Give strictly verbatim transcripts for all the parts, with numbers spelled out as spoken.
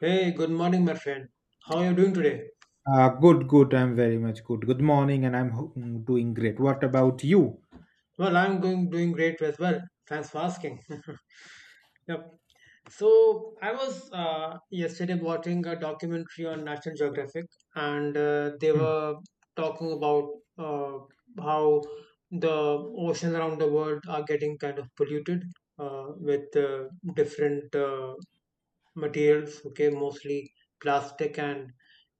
Hey, good morning, my friend. How are you doing today? Uh, good, good. I'm very much good. Good morning, and I'm ho- mm, doing great. What about you? Well, I'm going doing great as well. Thanks for asking. Yep. So I was uh, yesterday watching a documentary on National Geographic, and uh, they Hmm, were talking about uh, how the ocean around the world are getting kind of polluted uh, with uh, different uh, materials, okay, mostly plastic and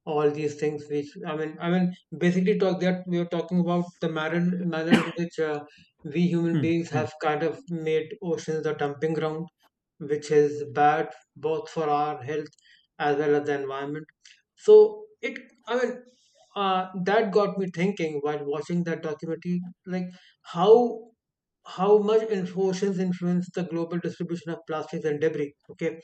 all these things which i mean i mean basically talk that we are talking about the manner manner in which uh, we human hmm, beings hmm, have kind of made oceans the dumping ground, which is bad both for our health as well as the environment. So it, i mean uh, that got me thinking while watching that documentary, like how how much in- oceans influence the global distribution of plastics and debris. Okay,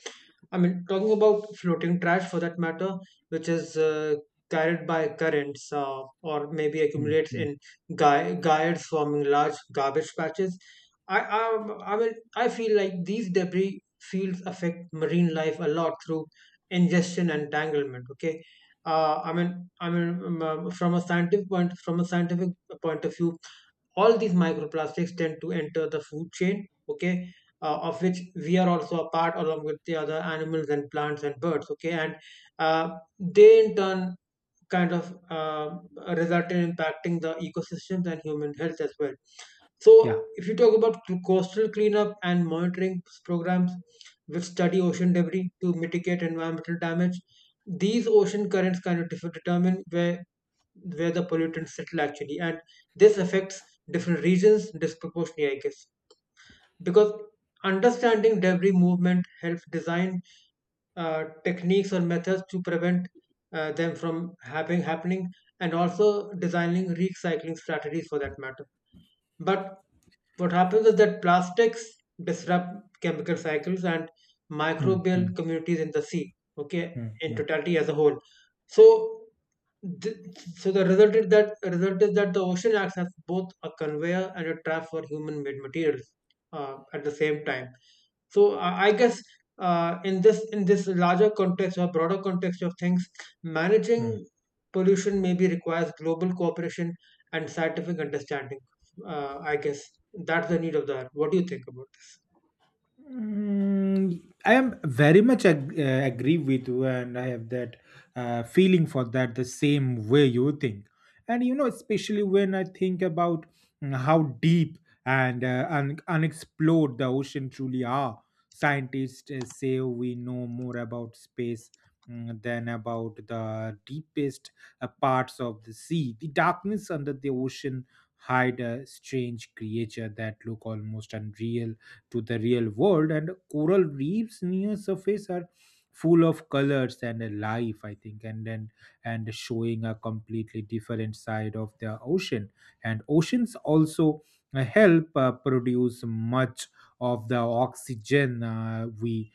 I mean, talking about floating trash for that matter, which is uh, carried by currents, uh, or maybe hmm, accumulates hmm. in guy- gyres, forming large garbage patches. I, I, I mean, I feel like these debris fields affect marine life a lot through ingestion and entanglement. Okay, uh, I mean, I mean, um, uh, from a scientific point, from a scientific point of view, all these microplastics tend to enter the food chain, okay, uh, of which we are also a part, along with the other animals and plants and birds. Okay, and uh, they in turn kind of uh, resulted in impacting the ecosystems and human health as well. So, Yeah. if you talk about coastal cleanup and monitoring programs which study ocean debris to mitigate environmental damage, these ocean currents kind of differ- determine where where the pollutants settle, actually, and this affects different regions disproportionately, I guess, because understanding debris movement helps design uh, techniques or methods to prevent uh, them from having happening, and also designing recycling strategies for that matter. But what happens is that plastics disrupt chemical cycles and Hmm, hmm, microbial communities in the sea, okay, hmm, in hmm, totality as a whole. So th- so the result is that result is that the ocean acts as both a conveyor and a trap for human made materials uh, at the same time. So uh, I guess uh, in this in this larger context or broader context of things, managing hmm. pollution maybe requires global cooperation and scientific understanding. Uh, I guess that's the need of the hour. What do you think about it? Mm, I am very much ag- uh, agree with you, and I have that uh, feeling for that the same way you think. And you know, especially when I think about mm, how deep and uh, un- unexplored the ocean truly are. Scientists uh, say we know more about space mm, than about the deepest uh, parts of the sea. The darkness under the ocean hide a strange creature that look almost unreal to the real world, and coral reefs near surface are full of colors and uh, life, I think. And then and showing a completely different side of the ocean. And oceans also uh, help uh, produce much of the oxygen uh, we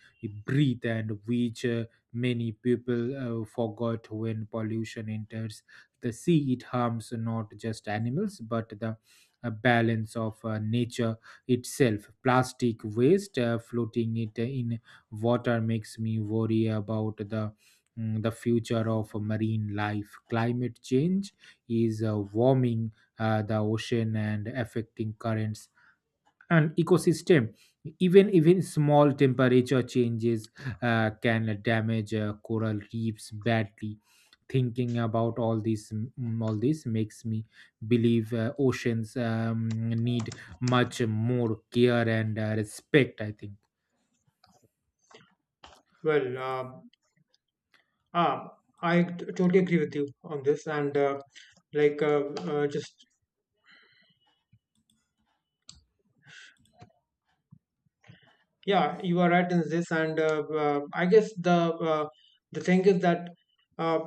breathe, and which uh, many people uh, forgot. When pollution enters the sea, it harms not just animals but the uh, balance of uh, nature itself. Plastic waste uh, floating it in water makes me worry about the mm, the future of marine life. Climate change is uh, warming uh, the ocean and affecting currents and ecosystem. Even even small temperature changes uh, can damage uh, coral reefs badly. Thinking about all this mm, all this makes me believe uh, oceans um, need much more care and uh, respect, I think. Well, uh, ah, I t- totally agree with you on this, and uh, like uh, uh, just yeah, you are right in this, and uh, uh, I guess the uh, the thing is that uh,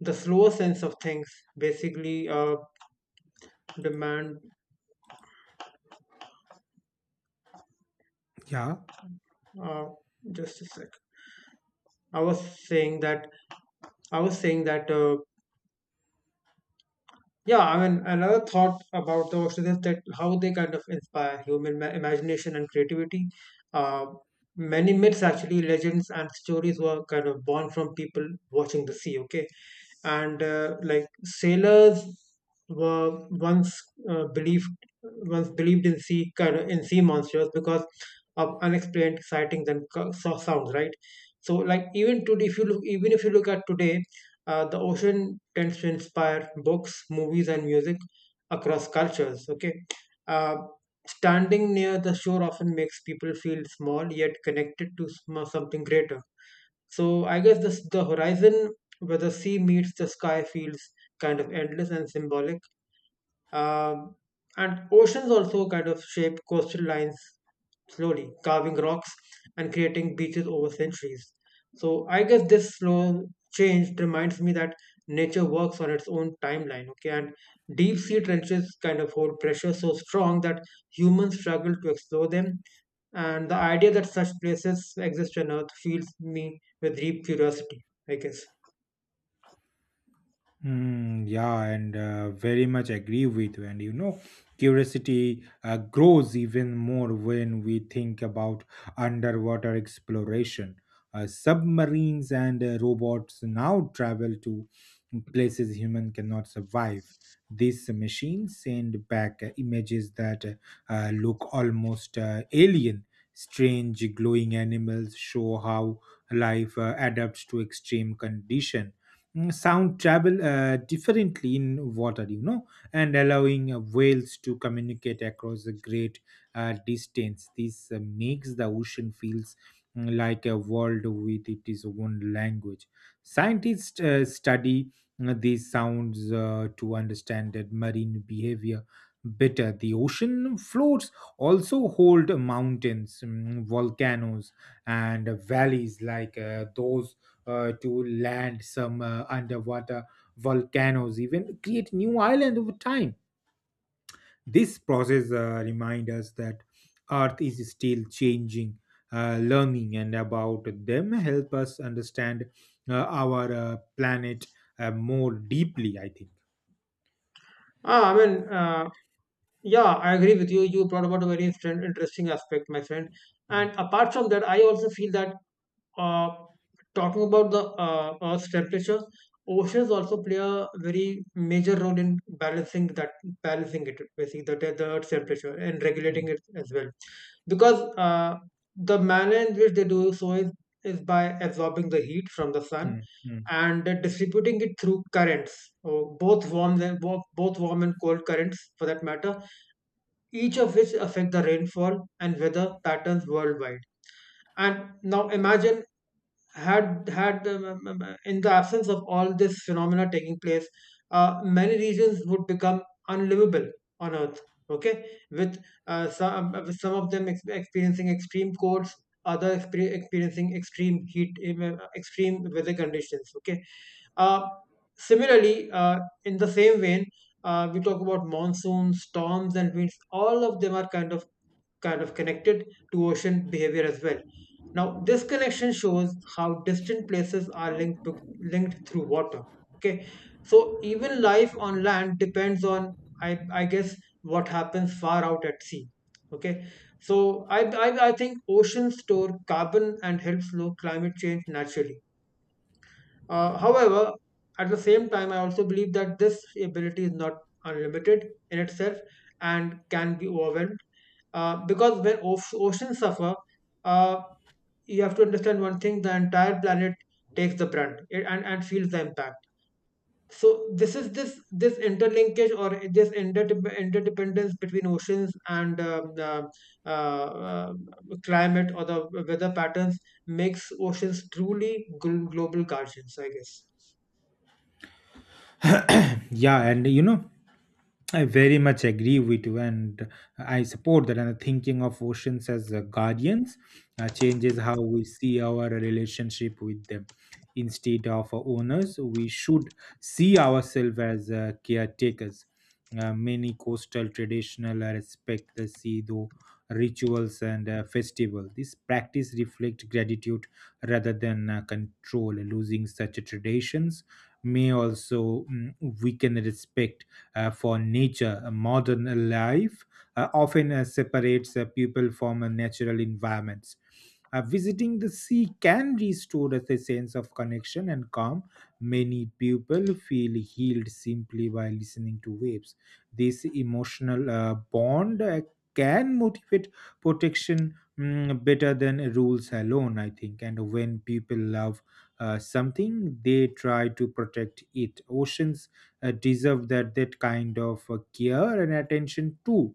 the slower sense of things basically uh, demand. Yeah. Uh, just a sec. I was saying that I was saying that uh, yeah, I mean, another thought about the oceans is that how they kind of inspire human ma- imagination and creativity. Uh, many myths, actually, legends and stories were kind of born from people watching the sea, okay? And uh, like sailors were once uh, believed once believed in sea kind of in sea monsters because of unexplained sightings and co- so- sounds, right? So, like even today, if you look, even if you look at today, uh, the ocean tends to inspire books, movies, and music across cultures. Okay, uh, standing near the shore often makes people feel small yet connected to sm- something greater. So I guess this, the horizon where the sea meets the sky feels kind of endless and symbolic, um, and oceans also kind of shape coastal lines slowly, carving rocks and creating beaches over centuries. So I guess this slow change reminds me that nature works on its own timeline, okay? And deep sea trenches kind of hold pressure so strong that humans struggle to explore them. And the idea that such places exist on Earth fills me with deep curiosity, I guess. Mm, yeah, and uh, very much agree with you. And you know, curiosity uh, grows even more when we think about underwater exploration. Uh, submarines and uh, robots now travel to places human cannot survive. These machines send back uh, images that uh, uh, look almost uh, alien. Strange glowing animals show how life uh, adapts to extreme condition. Mm, sound travel uh, differently in water, you know and allowing uh, whales to communicate across a great uh, distance. This uh, makes the ocean feels mm, like a world with its own language. Scientists uh, study uh, these sounds uh, to understand that marine behavior better. The ocean floors also hold mountains, mm, volcanoes and valleys like uh, those uh, to land. Some uh, underwater volcanoes even create new islands over time. This process uh, reminds us that Earth is still changing, uh, learning, and about them help us understand uh, our uh, planet uh, more deeply, I think. Ah, I mean, uh, Yeah, I agree with you. You brought about a very instant- interesting aspect, my friend. Mm, And apart from that, I also feel that uh, talking about the uh, Earth's temperature, oceans also play a very major role in balancing that balancing it basically the, the Earth's temperature and regulating mm, it as well. Because uh, the manner in which they do so is, is by absorbing the heat from the sun mm, mm. and uh, distributing it through currents, or both warm and bo- both warm and cold currents for that matter, each of which affect the rainfall and weather patterns worldwide. And now imagine, had had the, m- m- in the absence of all this phenomena taking place, uh, many regions would become unlivable on earth, okay, with uh, some with some of them ex- experiencing extreme colds, other exper- experiencing extreme heat, um, uh, extreme weather conditions, okay. uh, Similarly, uh, in the same vein, uh, we talk about monsoons, storms, and winds. All of them are kind of kind of connected to ocean behavior as well. Now, this connection shows how distant places are linked to, linked through water. Okay, so even life on land depends on, I, I guess, what happens far out at sea. Okay, so I, I, I think oceans store carbon and help slow climate change naturally. Uh, however, at the same time, I also believe that this ability is not unlimited in itself and can be overwhelmed. Uh, because when oce- oceans suffer, uh, you have to understand one thing: the entire planet takes the brunt it, and and feels the impact. So this is this this interlinkage or this interdep- interdependence between oceans and um, the uh, uh, climate or the weather patterns makes oceans truly gl- global guardians, I guess. Yeah, and you know, I very much agree with you, and I support that. And the thinking of oceans as uh, guardians uh, changes how we see our relationship with them. Instead of uh, owners, we should see ourselves as uh, caretakers. Uh, many coastal traditional uh, respect the sea through rituals and uh, festival. This practice reflects gratitude rather than uh, control. Losing such traditions may also mm, weaken respect uh, for nature. A modern life uh, often uh, separates uh, people from uh, natural environments. Uh, visiting the sea can restore us a sense of connection and calm. Many people feel healed simply by listening to waves. This emotional uh, bond uh, can motivate protection mm, better than rules alone, I think. And when people love uh, something, they try to protect it. Oceans uh, deserve that that kind of uh, care and attention too.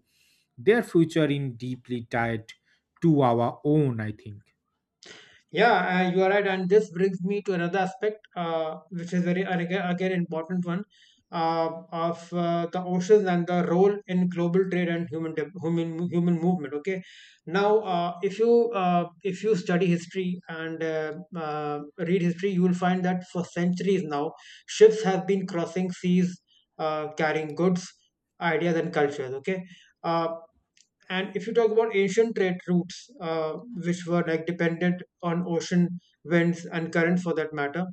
Their future in deeply tied to our own, I think. Yeah, uh, you are right. And this brings me to another aspect, uh, which is very, and again, again important one, uh, of uh, the oceans and the role in global trade and human de- human human movement. Okay, now uh, if you uh, if you study history and uh, uh, read history, you will find that for centuries now, ships have been crossing seas, uh, carrying goods, ideas, and cultures. Okay. Uh, and if you talk about ancient trade routes, uh, which were like dependent on ocean winds and currents for that matter,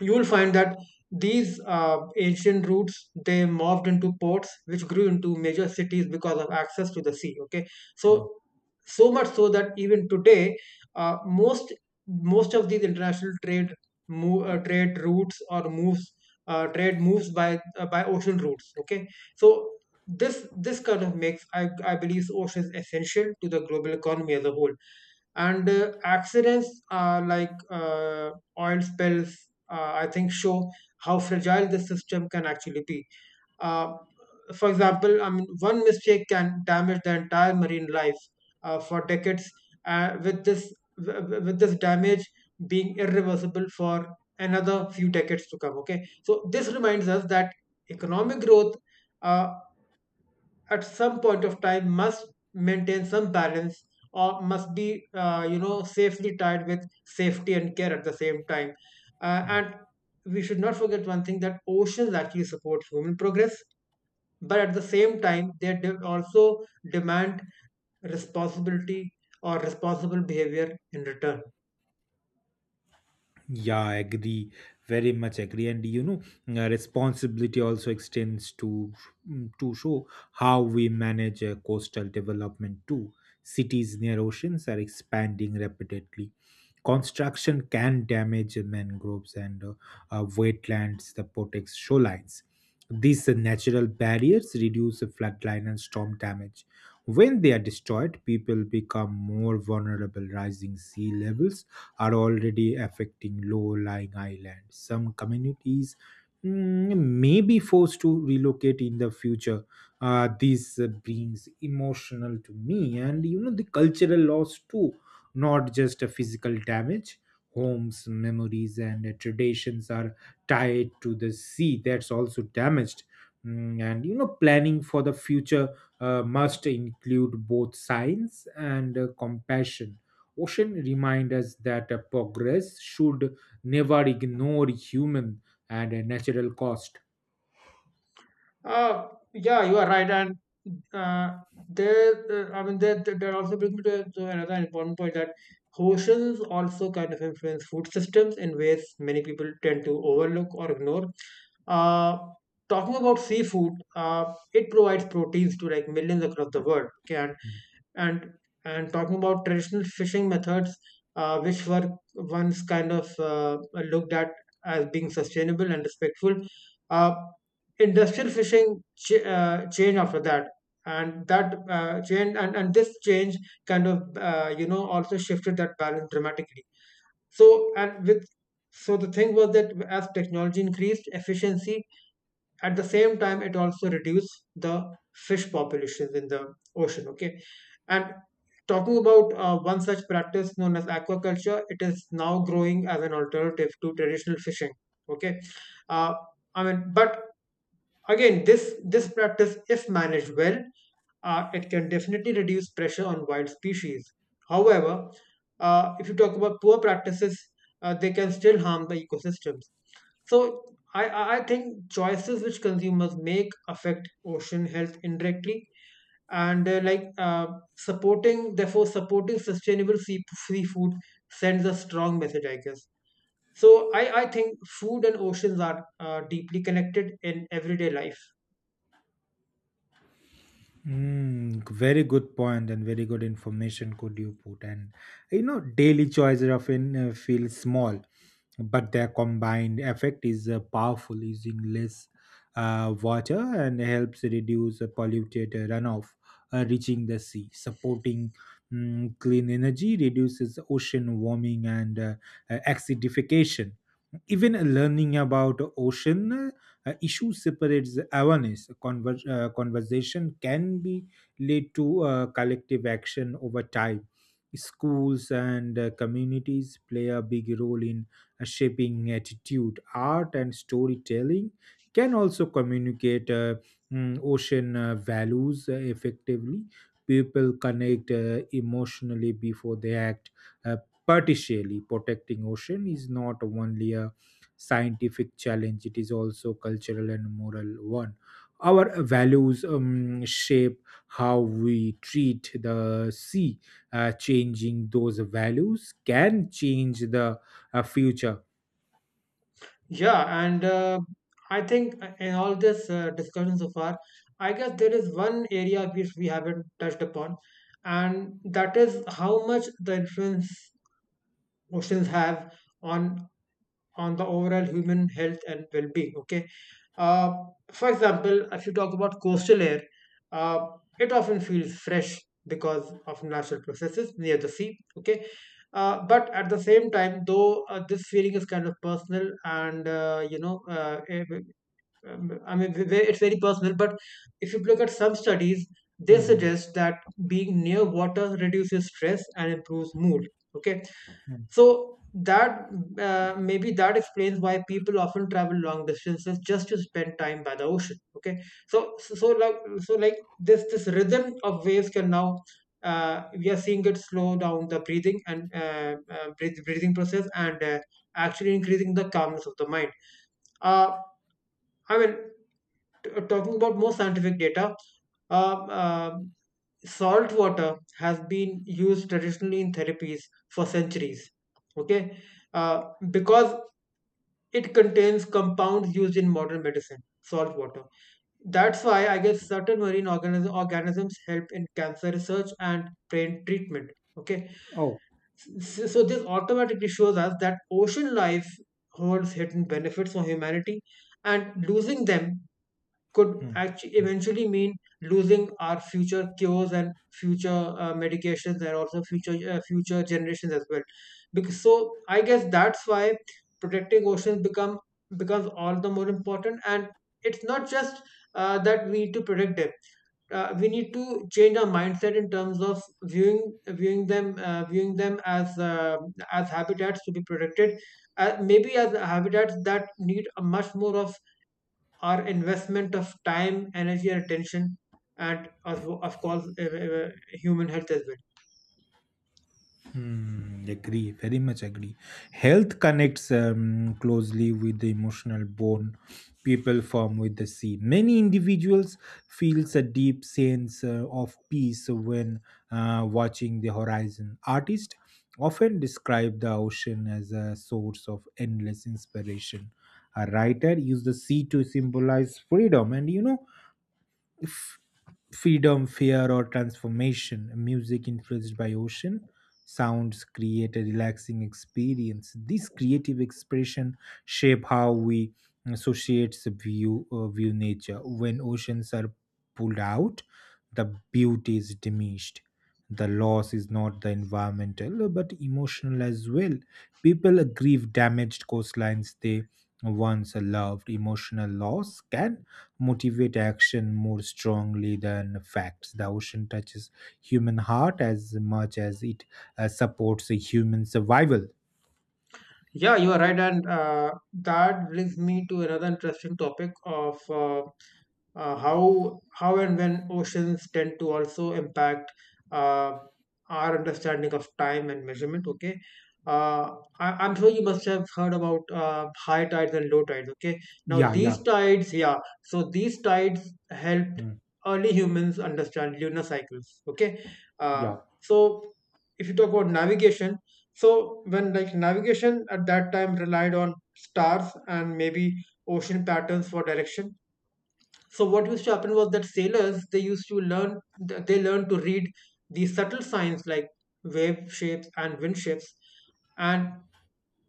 you will find that these uh, ancient routes they morphed into ports which grew into major cities because of access to the sea, okay. Mm. So so much so that even today, uh, most most of these international trade move, uh, trade routes or moves uh, trade moves by uh, by ocean routes, okay. So this this kind of makes i i believe oceans essential to the global economy as a whole. And uh, accidents, uh, like, uh, oil spills, uh, I think show how fragile the system can actually be. uh, for example, I mean, one mistake can damage the entire marine life uh, for decades, uh, with this w- w- with this damage being irreversible for another few decades to come, okay. So this reminds us that economic growth, uh, at some point of time, must maintain some balance, or must be, uh, you know, safely tied with safety and care at the same time. uh, Mm. And we should not forget one thing, that oceans actually support human progress, but at the same time they de- also demand responsibility or responsible behavior in return. Yeah, agree. Very much agree. And you know, uh, responsibility also extends to mm, to show how we manage uh, coastal development too. Cities near oceans are expanding rapidly. Construction can damage mangroves and uh, uh, wetlands that protects shorelines. These uh, natural barriers reduce the floodline and storm damage. When they are destroyed, people become more vulnerable. Rising sea levels are already affecting low-lying islands. Some communities mm, may be forced to relocate in the future. Uh, this uh, brings emotional to me, and you know the cultural loss too, not just a physical damage. Homes, memories, and uh, traditions are tied to the sea. That's also damaged. Mm, and you know, planning for the future uh, must include both science and uh, compassion. Ocean remind us that uh, progress should never ignore human and uh, natural cost. Uh, yeah, you are right. And uh, there, uh, I mean, that that that also brings me to, to another important point, that oceans also kind of influence food systems in ways many people tend to overlook or ignore. Uh, talking about seafood, uh, it provides proteins to like millions across the world. Okay, and and and talking about traditional fishing methods, uh, which were once kind of uh, looked at as being sustainable and respectful, uh, industrial fishing ch- uh, changed after that, and that uh, change and, and this change kind of, uh, you know, also shifted that balance dramatically. So and with So the thing was that as technology increased efficiency, at the same time it also reduces the fish populations in the ocean, okay. And talking about uh, one such practice known as aquaculture, it is now growing as an alternative to traditional fishing, okay. uh, I mean, but again, this this practice, if managed well, uh, it can definitely reduce pressure on wild species. However, uh, if you talk about poor practices, uh, they can still harm the ecosystems. So I, I think choices which consumers make affect ocean health indirectly, and uh, like uh, supporting, therefore supporting sustainable sea seafood sends a strong message, I guess. So I, I think food and oceans are uh, deeply connected in everyday life. Mm, very good point and very good information could you put. And you know daily choices often uh, feel small, but their combined effect is uh, powerful. Using less uh, water and helps reduce uh, polluted uh, runoff uh, reaching the sea, supporting mm, clean energy reduces ocean warming and uh, uh, acidification. Even learning about ocean uh, uh, issue separates awareness. Conver- uh, conversation can be lead to uh, collective action over time. Schools and uh, communities play a big role in uh, shaping attitude. Art and storytelling can also communicate uh, mm, ocean uh, values uh, effectively. People connect uh, emotionally before they act. Uh, Partially protecting ocean is not only a scientific challenge, it is also cultural and moral one. Our values um, shape how we treat the sea. Uh, changing those values can change the uh, future. Yeah, and uh, I think uh, in all this uh, discussion so far, I guess there is one area which we haven't touched upon, and that is how much the influence oceans have on on the overall human health and well-being. Okay, uh, for example, if you talk about coastal air, uh, it often feels fresh because of natural processes near the sea. Okay, uh, but at the same time though, uh, this feeling is kind of personal, and uh, you know uh, eh, um, I mean, ve- it's very personal, but if you look at some studies, they Mhm. suggest that being near water reduces stress and improves mood. Okay, Mm. so that uh, maybe that explains why people often travel long distances just to spend time by the ocean. Okay, so so, so like so like this this rhythm of waves can now, uh, we are seeing it slow down the breathing, and uh, uh, breath, breathing process, and uh, actually increasing the calmness of the mind. Uh, I mean, t- talking about more scientific data, uh, uh, salt water has been used traditionally in therapies for centuries. Okay, uh, because it contains compounds used in modern medicine, salt water. That's why, I guess, certain marine organism, organisms help in cancer research and brain treatment. Okay, Oh. so, so this automatically shows us that ocean life holds hidden benefits for humanity, and losing them could Mm. actually eventually mean losing our future cures and future uh, medications, and also future uh, future generations as well. Because, so I guess that's why protecting oceans become becomes all the more important, and it's not just uh, that we need to protect them. Uh, we need to change our mindset in terms of viewing viewing them, uh, viewing them as uh, as habitats to be protected, uh, maybe as habitats that need a much more of our investment of time, energy, and attention, and of, of course, uh, uh, human health as well. Hmm, agree, very much agree. Health connects um, closely with the emotional bond people form with the sea. Many individuals feels a deep sense uh, of peace when uh, watching the horizon. Artists often describe the ocean as a source of endless inspiration. A writer used the sea to symbolize freedom, and you know, freedom, fear, or transformation. Music influenced by ocean sounds create a relaxing experience. This creative expression shape how we associate the view uh, view nature. When oceans are pulled out, the beauty is diminished. The loss is not the environmental but emotional as well. People grieve damaged coastlines they once loved. Emotional loss can motivate action more strongly than facts. The ocean touches human heart as much as it uh, supports human survival. Yeah, you are right, and uh, that brings me to another interesting topic of uh, uh, how how and when oceans tend to also impact uh, our understanding of time and measurement. Okay, uh, I, I'm sure you must have heard about uh, high tides and low tides. Okay, now Yeah, yeah. these tides, yeah, so these tides helped Mm. early humans understand lunar cycles. Okay, uh, Yeah. so if you talk about navigation. So when, like, navigation at that time relied on stars and maybe ocean patterns for direction. So what used to happen was that sailors, they used to learn they learned to read these subtle signs, like wave shapes and wind shapes, and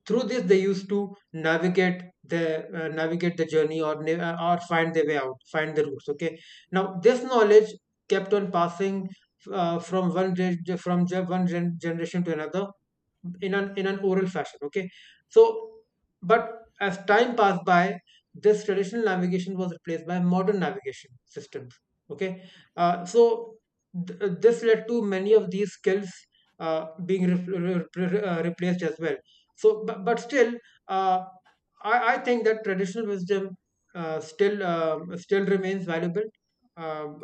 through this they used to navigate the, uh, navigate the journey, or na- uh, or find their way out, find the routes. Okay, now this knowledge kept on passing uh, from one gen- from ge- one gen- generation to another in an in an oral fashion. Okay, so but as time passed by, this traditional navigation was replaced by modern navigation systems. Okay, uh, so th- uh, this led to many of these skills uh, being re- re- uh, replaced as well. So but, but still, uh, I, I think that traditional wisdom uh, still uh, still remains valuable um,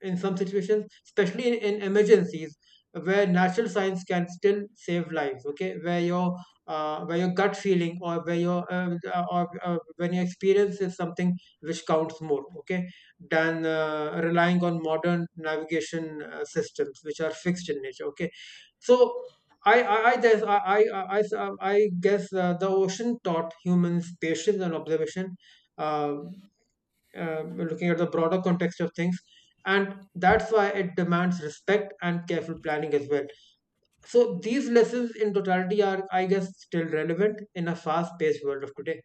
in some situations, especially in, in emergencies where natural science can still save lives. Okay, where your, uh, where your gut feeling, or where your uh, uh, or uh, when your experience is something which counts more. Okay, than uh, relying on modern navigation uh, systems, which are fixed in nature. Okay, so I, I, I, there's, I, I, I I guess uh, the ocean taught humans patience and observation, uh, uh, looking at the broader context of things. And that's why it demands respect and careful planning as well. So these lessons, in totality, are, I guess, still relevant in a fast-paced world of today.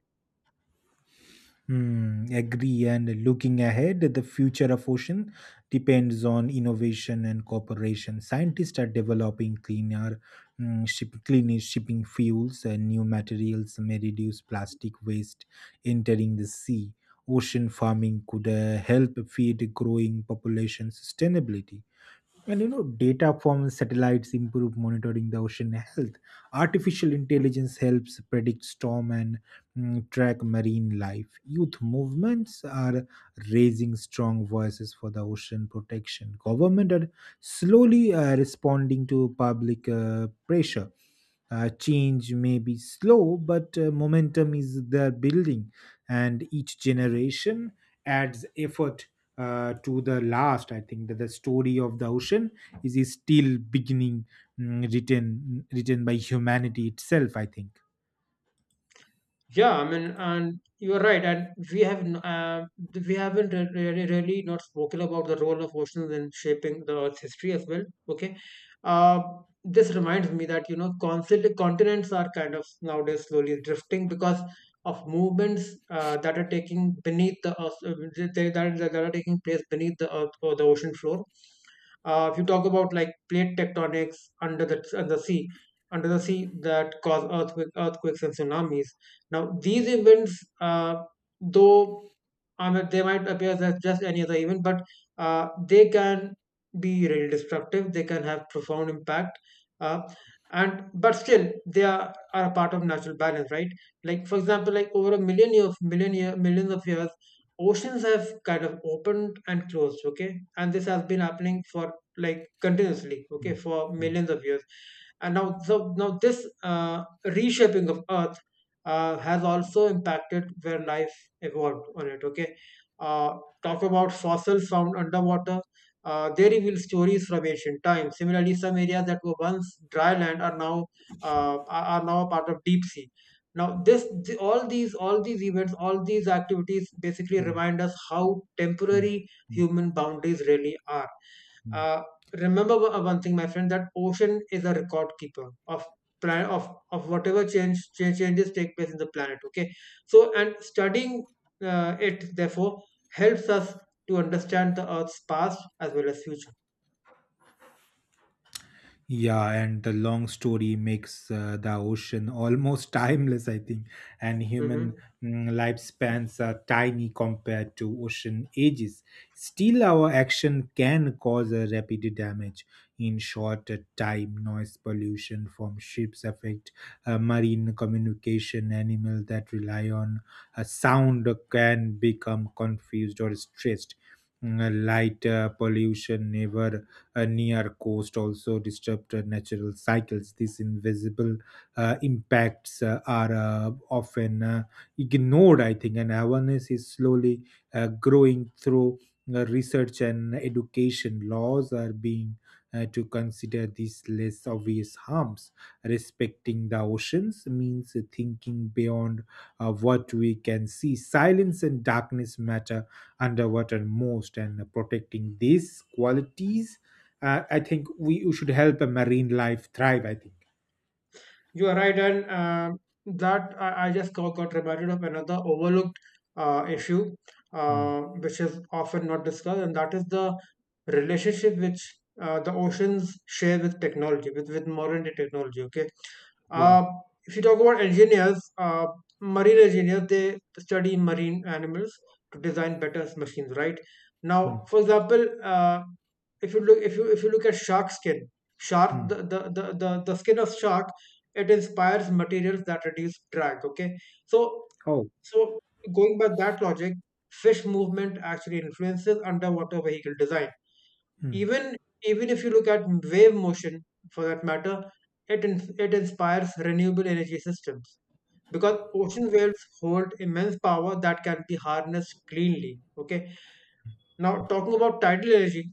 Hmm, agree. And looking ahead, the future of ocean depends on innovation and cooperation. Scientists are developing cleaner, mm, ship, cleaner shipping fuels, and new materials may reduce plastic waste entering the sea. Ocean farming could uh, help feed growing population sustainability. And you know, data from satellites improve monitoring the ocean health. Artificial intelligence helps predict storm and mm, track marine life. Youth movements are raising strong voices for the ocean protection. Government are slowly uh, responding to public uh, pressure. Uh, change may be slow, but uh, momentum is there building, and each generation adds effort uh, to the last. I think that the story of the ocean is, is still beginning, mm, written written by humanity itself, I think. Yeah, I mean, and you're right, and we have n- uh, we haven't re- really really not spoken about the role of oceans in shaping the Earth's history as well. Okay, uh, this reminds me that, you know, constant continents are kind of nowadays slowly drifting because of movements uh, that are taking beneath the earth, uh, they, that, are- that are taking place beneath the earth or the ocean floor. Uh, if you talk about, like, plate tectonics under the under the sea, under the sea that cause earthquake, earthquakes and tsunamis. Now, these events, uh, though, I mean, they might appear as just any other event, but uh, they can be really destructive. They can have profound impact, uh, and but still they are, are a part of natural balance, right? Like, for example, like over a million years, million year, millions of years, oceans have kind of opened and closed. Okay, and this has been happening for, like, continuously. Okay, Mm, for mm, millions of years. And now, so now this uh, reshaping of Earth uh, has also impacted where life evolved on it. Okay, uh, talk about fossils found underwater. Uh, they reveal stories from ancient times. Similarly, some areas that were once dry land are now, uh, are are now a part of deep sea. Now, this th- all these all these events, all these activities basically mm, remind us how mm, temporary mm, human boundaries really are. mm. uh, Remember one thing, my friend, that ocean is a record keeper of plan of of whatever change, change changes take place in the planet. Okay, so, and studying uh, it therefore helps us to understand the Earth's past as well as future. Yeah, and the long story makes uh, the ocean almost timeless, I think. And human Mhm. mm, lifespans are tiny compared to ocean ages. Still, our action can cause a rapid damage. In short uh, time, noise pollution from ships affect uh, marine communication. Animal that rely on a sound can become confused or stressed. Mm. Light uh, pollution never uh, near coast also disrupt uh, natural cycles. These invisible uh, impacts uh, are uh, often uh, ignored, I think, and awareness is slowly uh, growing through uh, research and education. Laws are being uh, to consider these less obvious harms. Respecting the oceans means thinking beyond uh, what we can see. Silence and darkness matter underwater most, and protecting these qualities, uh, I think we should help a marine life thrive, I think. You are right, and um, that, I, I just got, got reminded of another overlooked uh, issue, Mm. uh, which is often not discussed, and that is the relationship which uh, the oceans share with technology, with, with, modern day technology. Okay, Yeah. uh, if you talk about engineers, uh, marine engineers, they study marine animals to design better machines, right? Mm, Now, for example, uh, if you look, if you if you look at shark skin, shark the mm. the, the, the, the skin of shark, it inspires materials that reduce drag. Okay, so, Oh, so going by that logic, fish movement actually influences underwater vehicle design. mm, Even Even if you look at wave motion, for that matter, it ins- it inspires renewable energy systems because ocean waves hold immense power that can be harnessed cleanly. Okay, now, talking about tidal energy,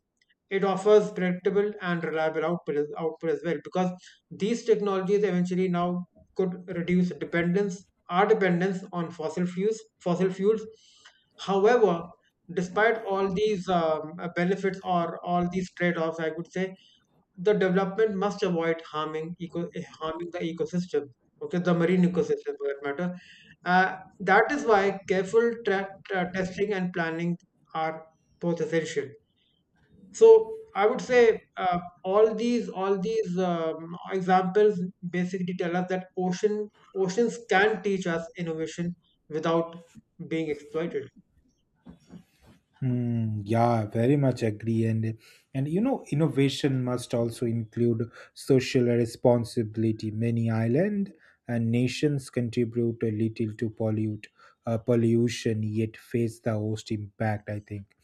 it offers predictable and reliable output as, output as well, because these technologies eventually now could reduce dependence our dependence on fossil fuels fossil fuels. However, despite all these um, uh, benefits, or all these trade-offs, I would say, the development must avoid harming eco harming the ecosystem. Okay, the marine ecosystem, for that matter. uh, that is why careful tra- tra- testing and planning are both essential. So I would say, uh, all these, all these um, examples basically tell us that ocean oceans can teach us innovation without being exploited. mm. Yeah, very much agree. And and you know, innovation must also include social responsibility. Many island and nations contribute a little to pollute uh, pollution, yet face the host impact, I think.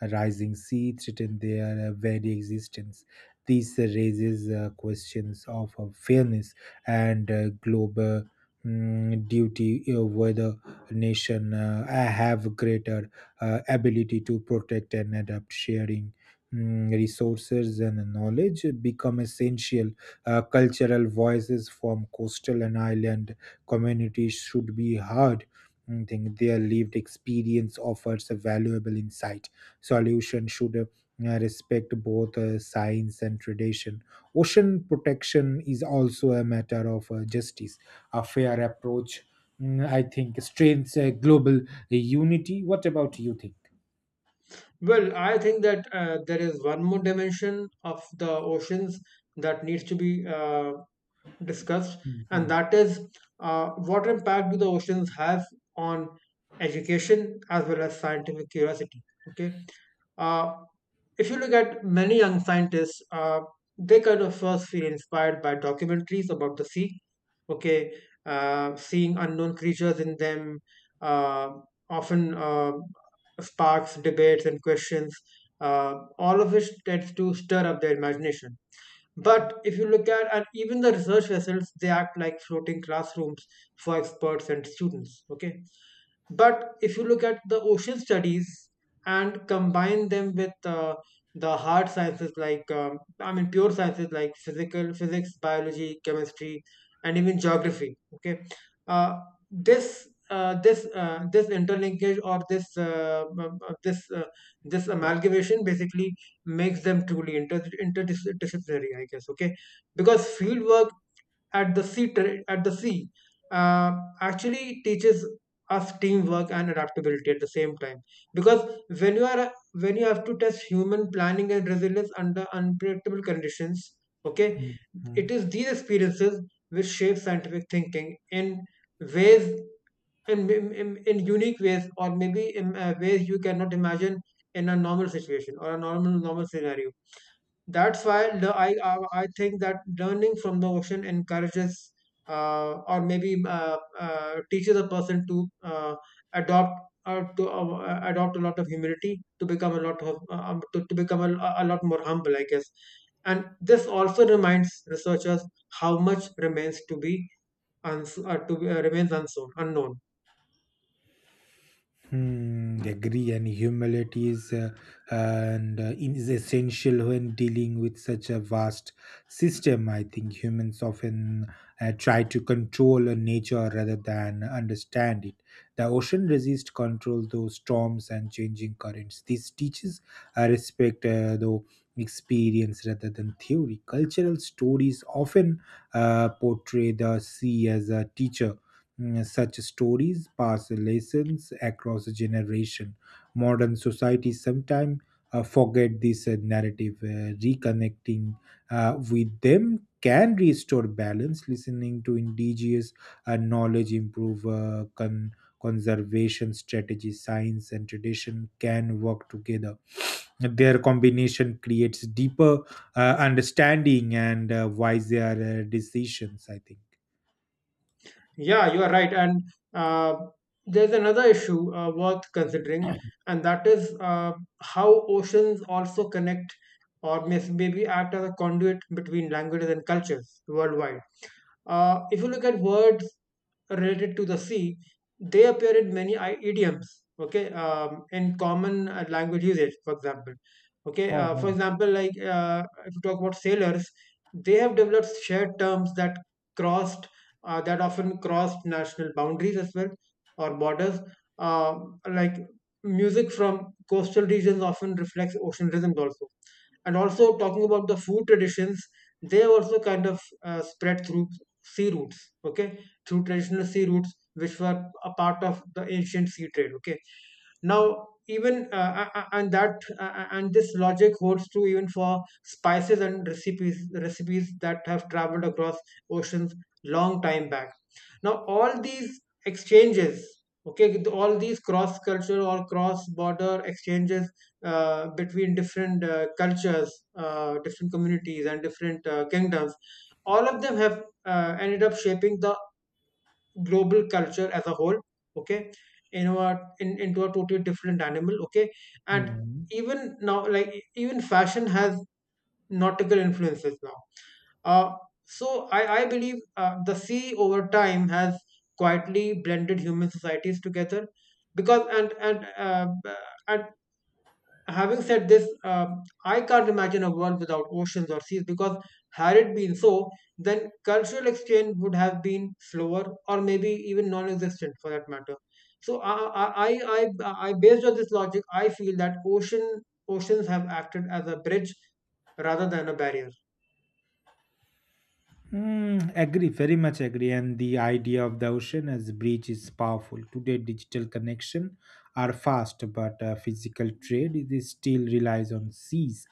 A rising sea threaten their uh, very existence. This raises uh, questions of uh, fairness and uh, global mm, duty, uh, whether nation uh, have greater uh, ability to protect and adapt, sharing mm, resources and knowledge become essential. Uh, cultural voices from coastal and island communities should be heard, I think. Their lived experience offers a valuable insight. Solution should uh, respect both uh, science and tradition. Ocean protection is also a matter of uh, justice, a fair approach. mm, I think strengthens uh, global unity. What about you think? Well, I think that uh, there is one more dimension of the oceans that needs to be uh, discussed, Mhm. and that is uh, what impact do the oceans have on education as well as scientific curiosity? Okay, uh, if you look at many young scientists, uh, they kind of first feel inspired by documentaries about the sea. Okay, uh, seeing unknown creatures in them uh, often uh, sparks debates and questions, uh, all of which tends to stir up their imagination. But if you look at, and even the research vessels, they act like floating classrooms for experts and students. Okay, but if you look at the ocean studies and combine them with uh, the hard sciences like, um, I mean, pure sciences like physical physics, biology, chemistry, and even geography. Okay, uh, this uh, this uh, this interlinkage, or this uh, um, uh, this uh, this amalgamation basically makes them truly inter interdisciplinary, I guess. Okay, because field work at the sea ter- at the sea uh, actually teaches us teamwork and adaptability at the same time, because when you are when you have to test human planning and resilience under unpredictable conditions. Okay, Mhm. it is these experiences which shape scientific thinking in ways in, in, in unique ways, or maybe in uh, ways you cannot imagine in a normal situation, or a normal normal scenario. That's why, le- I, I I think that learning from the ocean encourages, uh, or maybe uh, uh, teaches a person to uh, adopt, or to uh, uh, adopt a lot of humility, to become a lot of uh, um, to, to become a, a lot more humble, I guess. And this also reminds researchers how much remains to be uns- uh, to be, uh, remains unsown, unknown. Hmm, agree, and humility is uh, and uh, in- is essential when dealing with such a vast system. I think humans often uh, try to control a nature rather than understand it. The ocean resists control, though storms and changing currents. This teaches uh, respect, uh, though experience rather than theory. Cultural stories often uh, portray the sea as a teacher. Mm. Such stories pass lessons across a generation. Modern society sometimes uh, forget this uh, narrative. Uh, reconnecting uh, with them can restore balance. Listening to indigenous uh, knowledge improve uh, con- conservation strategies. Science and tradition can work together. Their combination creates deeper uh, understanding and uh, wiser uh, decisions, I think. Yeah, you are right. And uh, there's another issue uh, worth considering, and that is uh, how oceans also connect, or may- maybe act as a conduit between languages and cultures worldwide. Uh, if you look at words related to the sea, they appear in many i- idioms, okay, um, in common uh, language usage, for example. Okay, uh, for Oh, example, like, uh, if you talk about sailors, they have developed shared terms that crossed, uh, that often crossed national boundaries as well, or borders. Uh, like, music from coastal regions often reflects ocean rhythms also. And also talking about the food traditions, they also kind of uh, spread through sea routes. Okay, through traditional sea routes, which were a part of the ancient sea trade. Okay, now even uh, a- a- and that uh, uh, and this logic holds true even for spices and recipes recipes that have traveled across oceans long time back. Now all these exchanges. Okay, all these cross culture or cross border exchanges uh, between different uh, cultures, uh, different communities, and different uh, kingdoms all of them have uh, ended up shaping the global culture as a whole, okay, in our in, into a totally different animal, okay, and oh. even now, like, even fashion has nautical influences now. Uh, so i i believe uh, the sea over time has quietly blended human societies together because and and uh, and having said this, um, I can't imagine a world without oceans or seas because, had it been so, then cultural exchange would have been slower or maybe even non existent for that matter. So, I, I, I, I, I- Based on this logic, I feel that ocean oceans have acted as a bridge rather than a barrier. Mm, agree, very much agree. And the idea of the ocean as a bridge is powerful. Today, digital connection are fast, but uh, physical trade it is still relies on seas.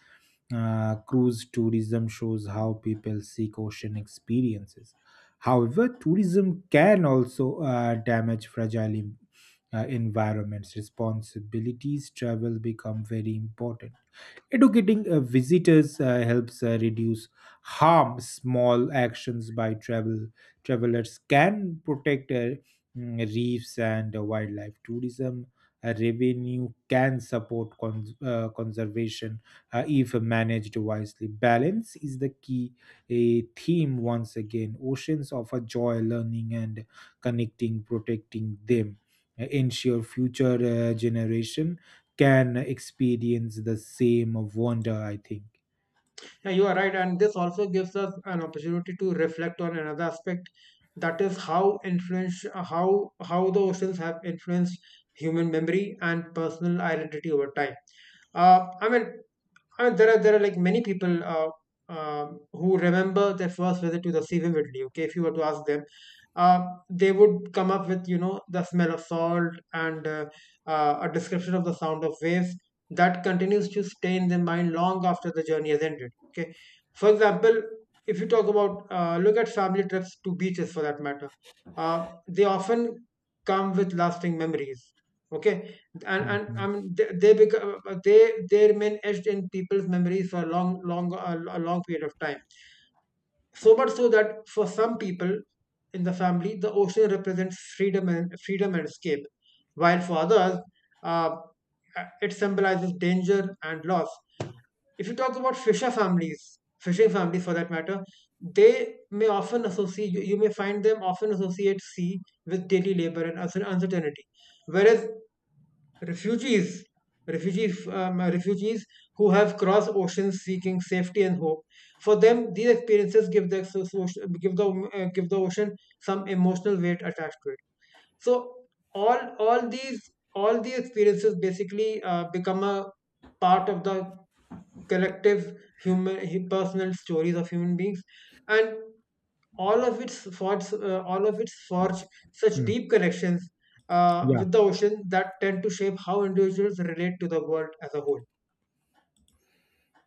Uh, cruise tourism shows how people seek ocean experiences. However, tourism can also uh, damage fragile en- uh, environments. Responsibilities travel become very important. Educating uh, visitors uh, helps uh, reduce harm. Small actions by travel travelers can protect uh, mm, reefs and uh, wildlife. Tourism uh, revenue can support cons- uh, conservation uh, if managed wisely. Balance is the key, a theme once again. Oceans offer joy, learning, and connecting, protecting them. Uh, ensure future uh, generation can experience the same wonder, I think. Yeah, you are right, and this also gives us an opportunity to reflect on another aspect, that is how influence how how the oceans have influenced human memory and personal identity over time. Uh, I mean, and there are there are like many people, uh, um who remember their first visit to the sea vividly. Okay, if you were to ask them, uh, they would come up with, you know, the smell of salt and uh, uh, a description of the sound of waves that continues to stay in their mind long after the journey has ended. Okay, for example, if you talk about uh, look at family trips to beaches for that matter, uh, they often come with lasting memories, okay, and and I Mhm. mean they, they become they they remain etched in people's memories for a long long, a, a long period of time. So much so that for some people in the family, the ocean represents freedom and freedom and escape, while for others, uh, it symbolizes danger and loss. If you talk about fisher families, fishing families for that matter, they may often associate you, you may find them often associate sea with daily labor and uncer- uncertainty. Whereas refugees refugees um, refugees who have crossed oceans seeking safety and hope, for them these experiences give the so- so- give the uh, give the ocean some emotional weight attached to it. So all all these all these experiences basically uh, become a part of the collective human personal stories of human beings, and all of its forts, uh, all of its forge such Mm. deep connections uh, Yeah. with the ocean that tend to shape how individuals relate to the world as a whole.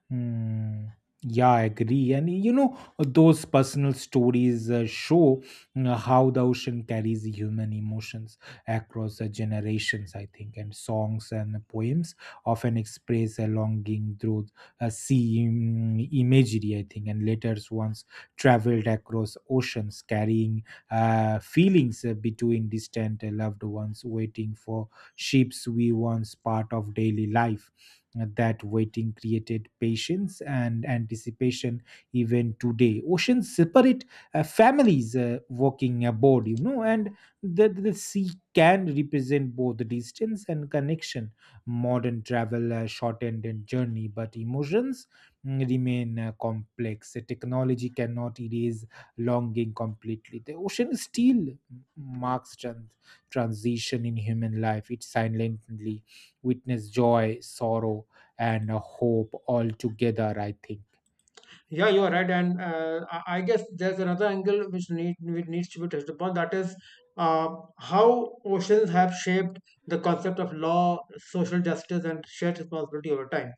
Hmm. Yeah, I agree. And you know, those personal stories uh, show mm, how the ocean carries human emotions across the generations, I think. And songs and poems often express a longing through uh, sea mm, imagery, I think. And letters once traveled across oceans, carrying uh, feelings uh, between distant loved ones. Waiting for ships we once part of daily life. That waiting created patience and anticipation. Even today oceans separate uh, families uh, walking aboard, you know and the, the sea can represent both distance and connection. Modern travel uh, shortened and journey, but emotions mm, remain uh, complex. Uh, technology cannot erase longing completely. The ocean still marks trans- transition in human life. It silently witness joy, sorrow, and a hope all together, I think. Yeah, you are right, and uh, I I guess there's another angle which need which needs to be touched upon. That is uh, how oceans have shaped the concept of law, social justice, and shared responsibility over time.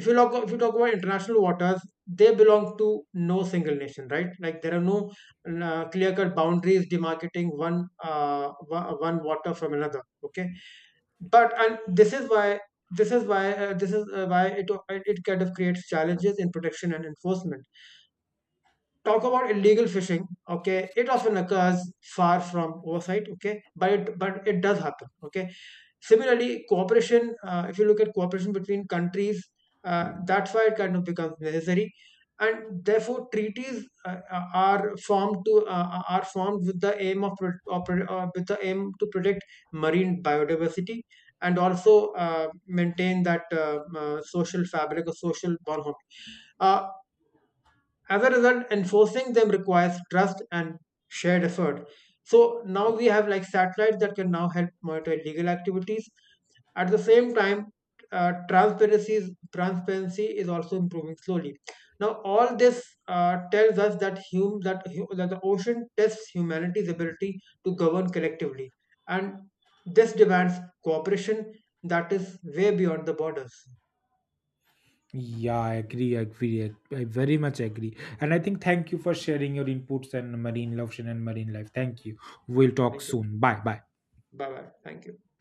if you talk If you talk about international waters, they belong to no single nation, right? Like there are no uh, clear cut boundaries demarcating one uh, wa- one water from another. Okay, but and this is why this is why uh, this is uh, why it it kind of creates challenges in protection and enforcement. Talk about illegal fishing, okay, it often occurs far from oversight, okay, but it but it does happen, okay. Similarly, cooperation, uh, if you look at cooperation between countries, uh, that's why it kind of becomes necessary, and therefore treaties uh, uh, are formed to uh, uh, are formed with the aim of, or uh, with the aim to protect marine biodiversity and also uh, maintain that uh, uh, social fabric or social bond. Uh, as a result, enforcing them requires trust and shared effort. So now we have like satellites that can now help monitor illegal activities. At the same time, uh, transparency transparency is also improving slowly. Now, all this uh, tells us that, hum, that, that the ocean tests humanity's ability to govern collectively, and this demands cooperation that is way beyond the borders. Yeah, I agree, I agree. I I very much agree. And I think thank you for sharing your inputs and marine love and marine life. Thank you. We'll talk Thank you. soon. Bye bye. Bye bye. Thank you.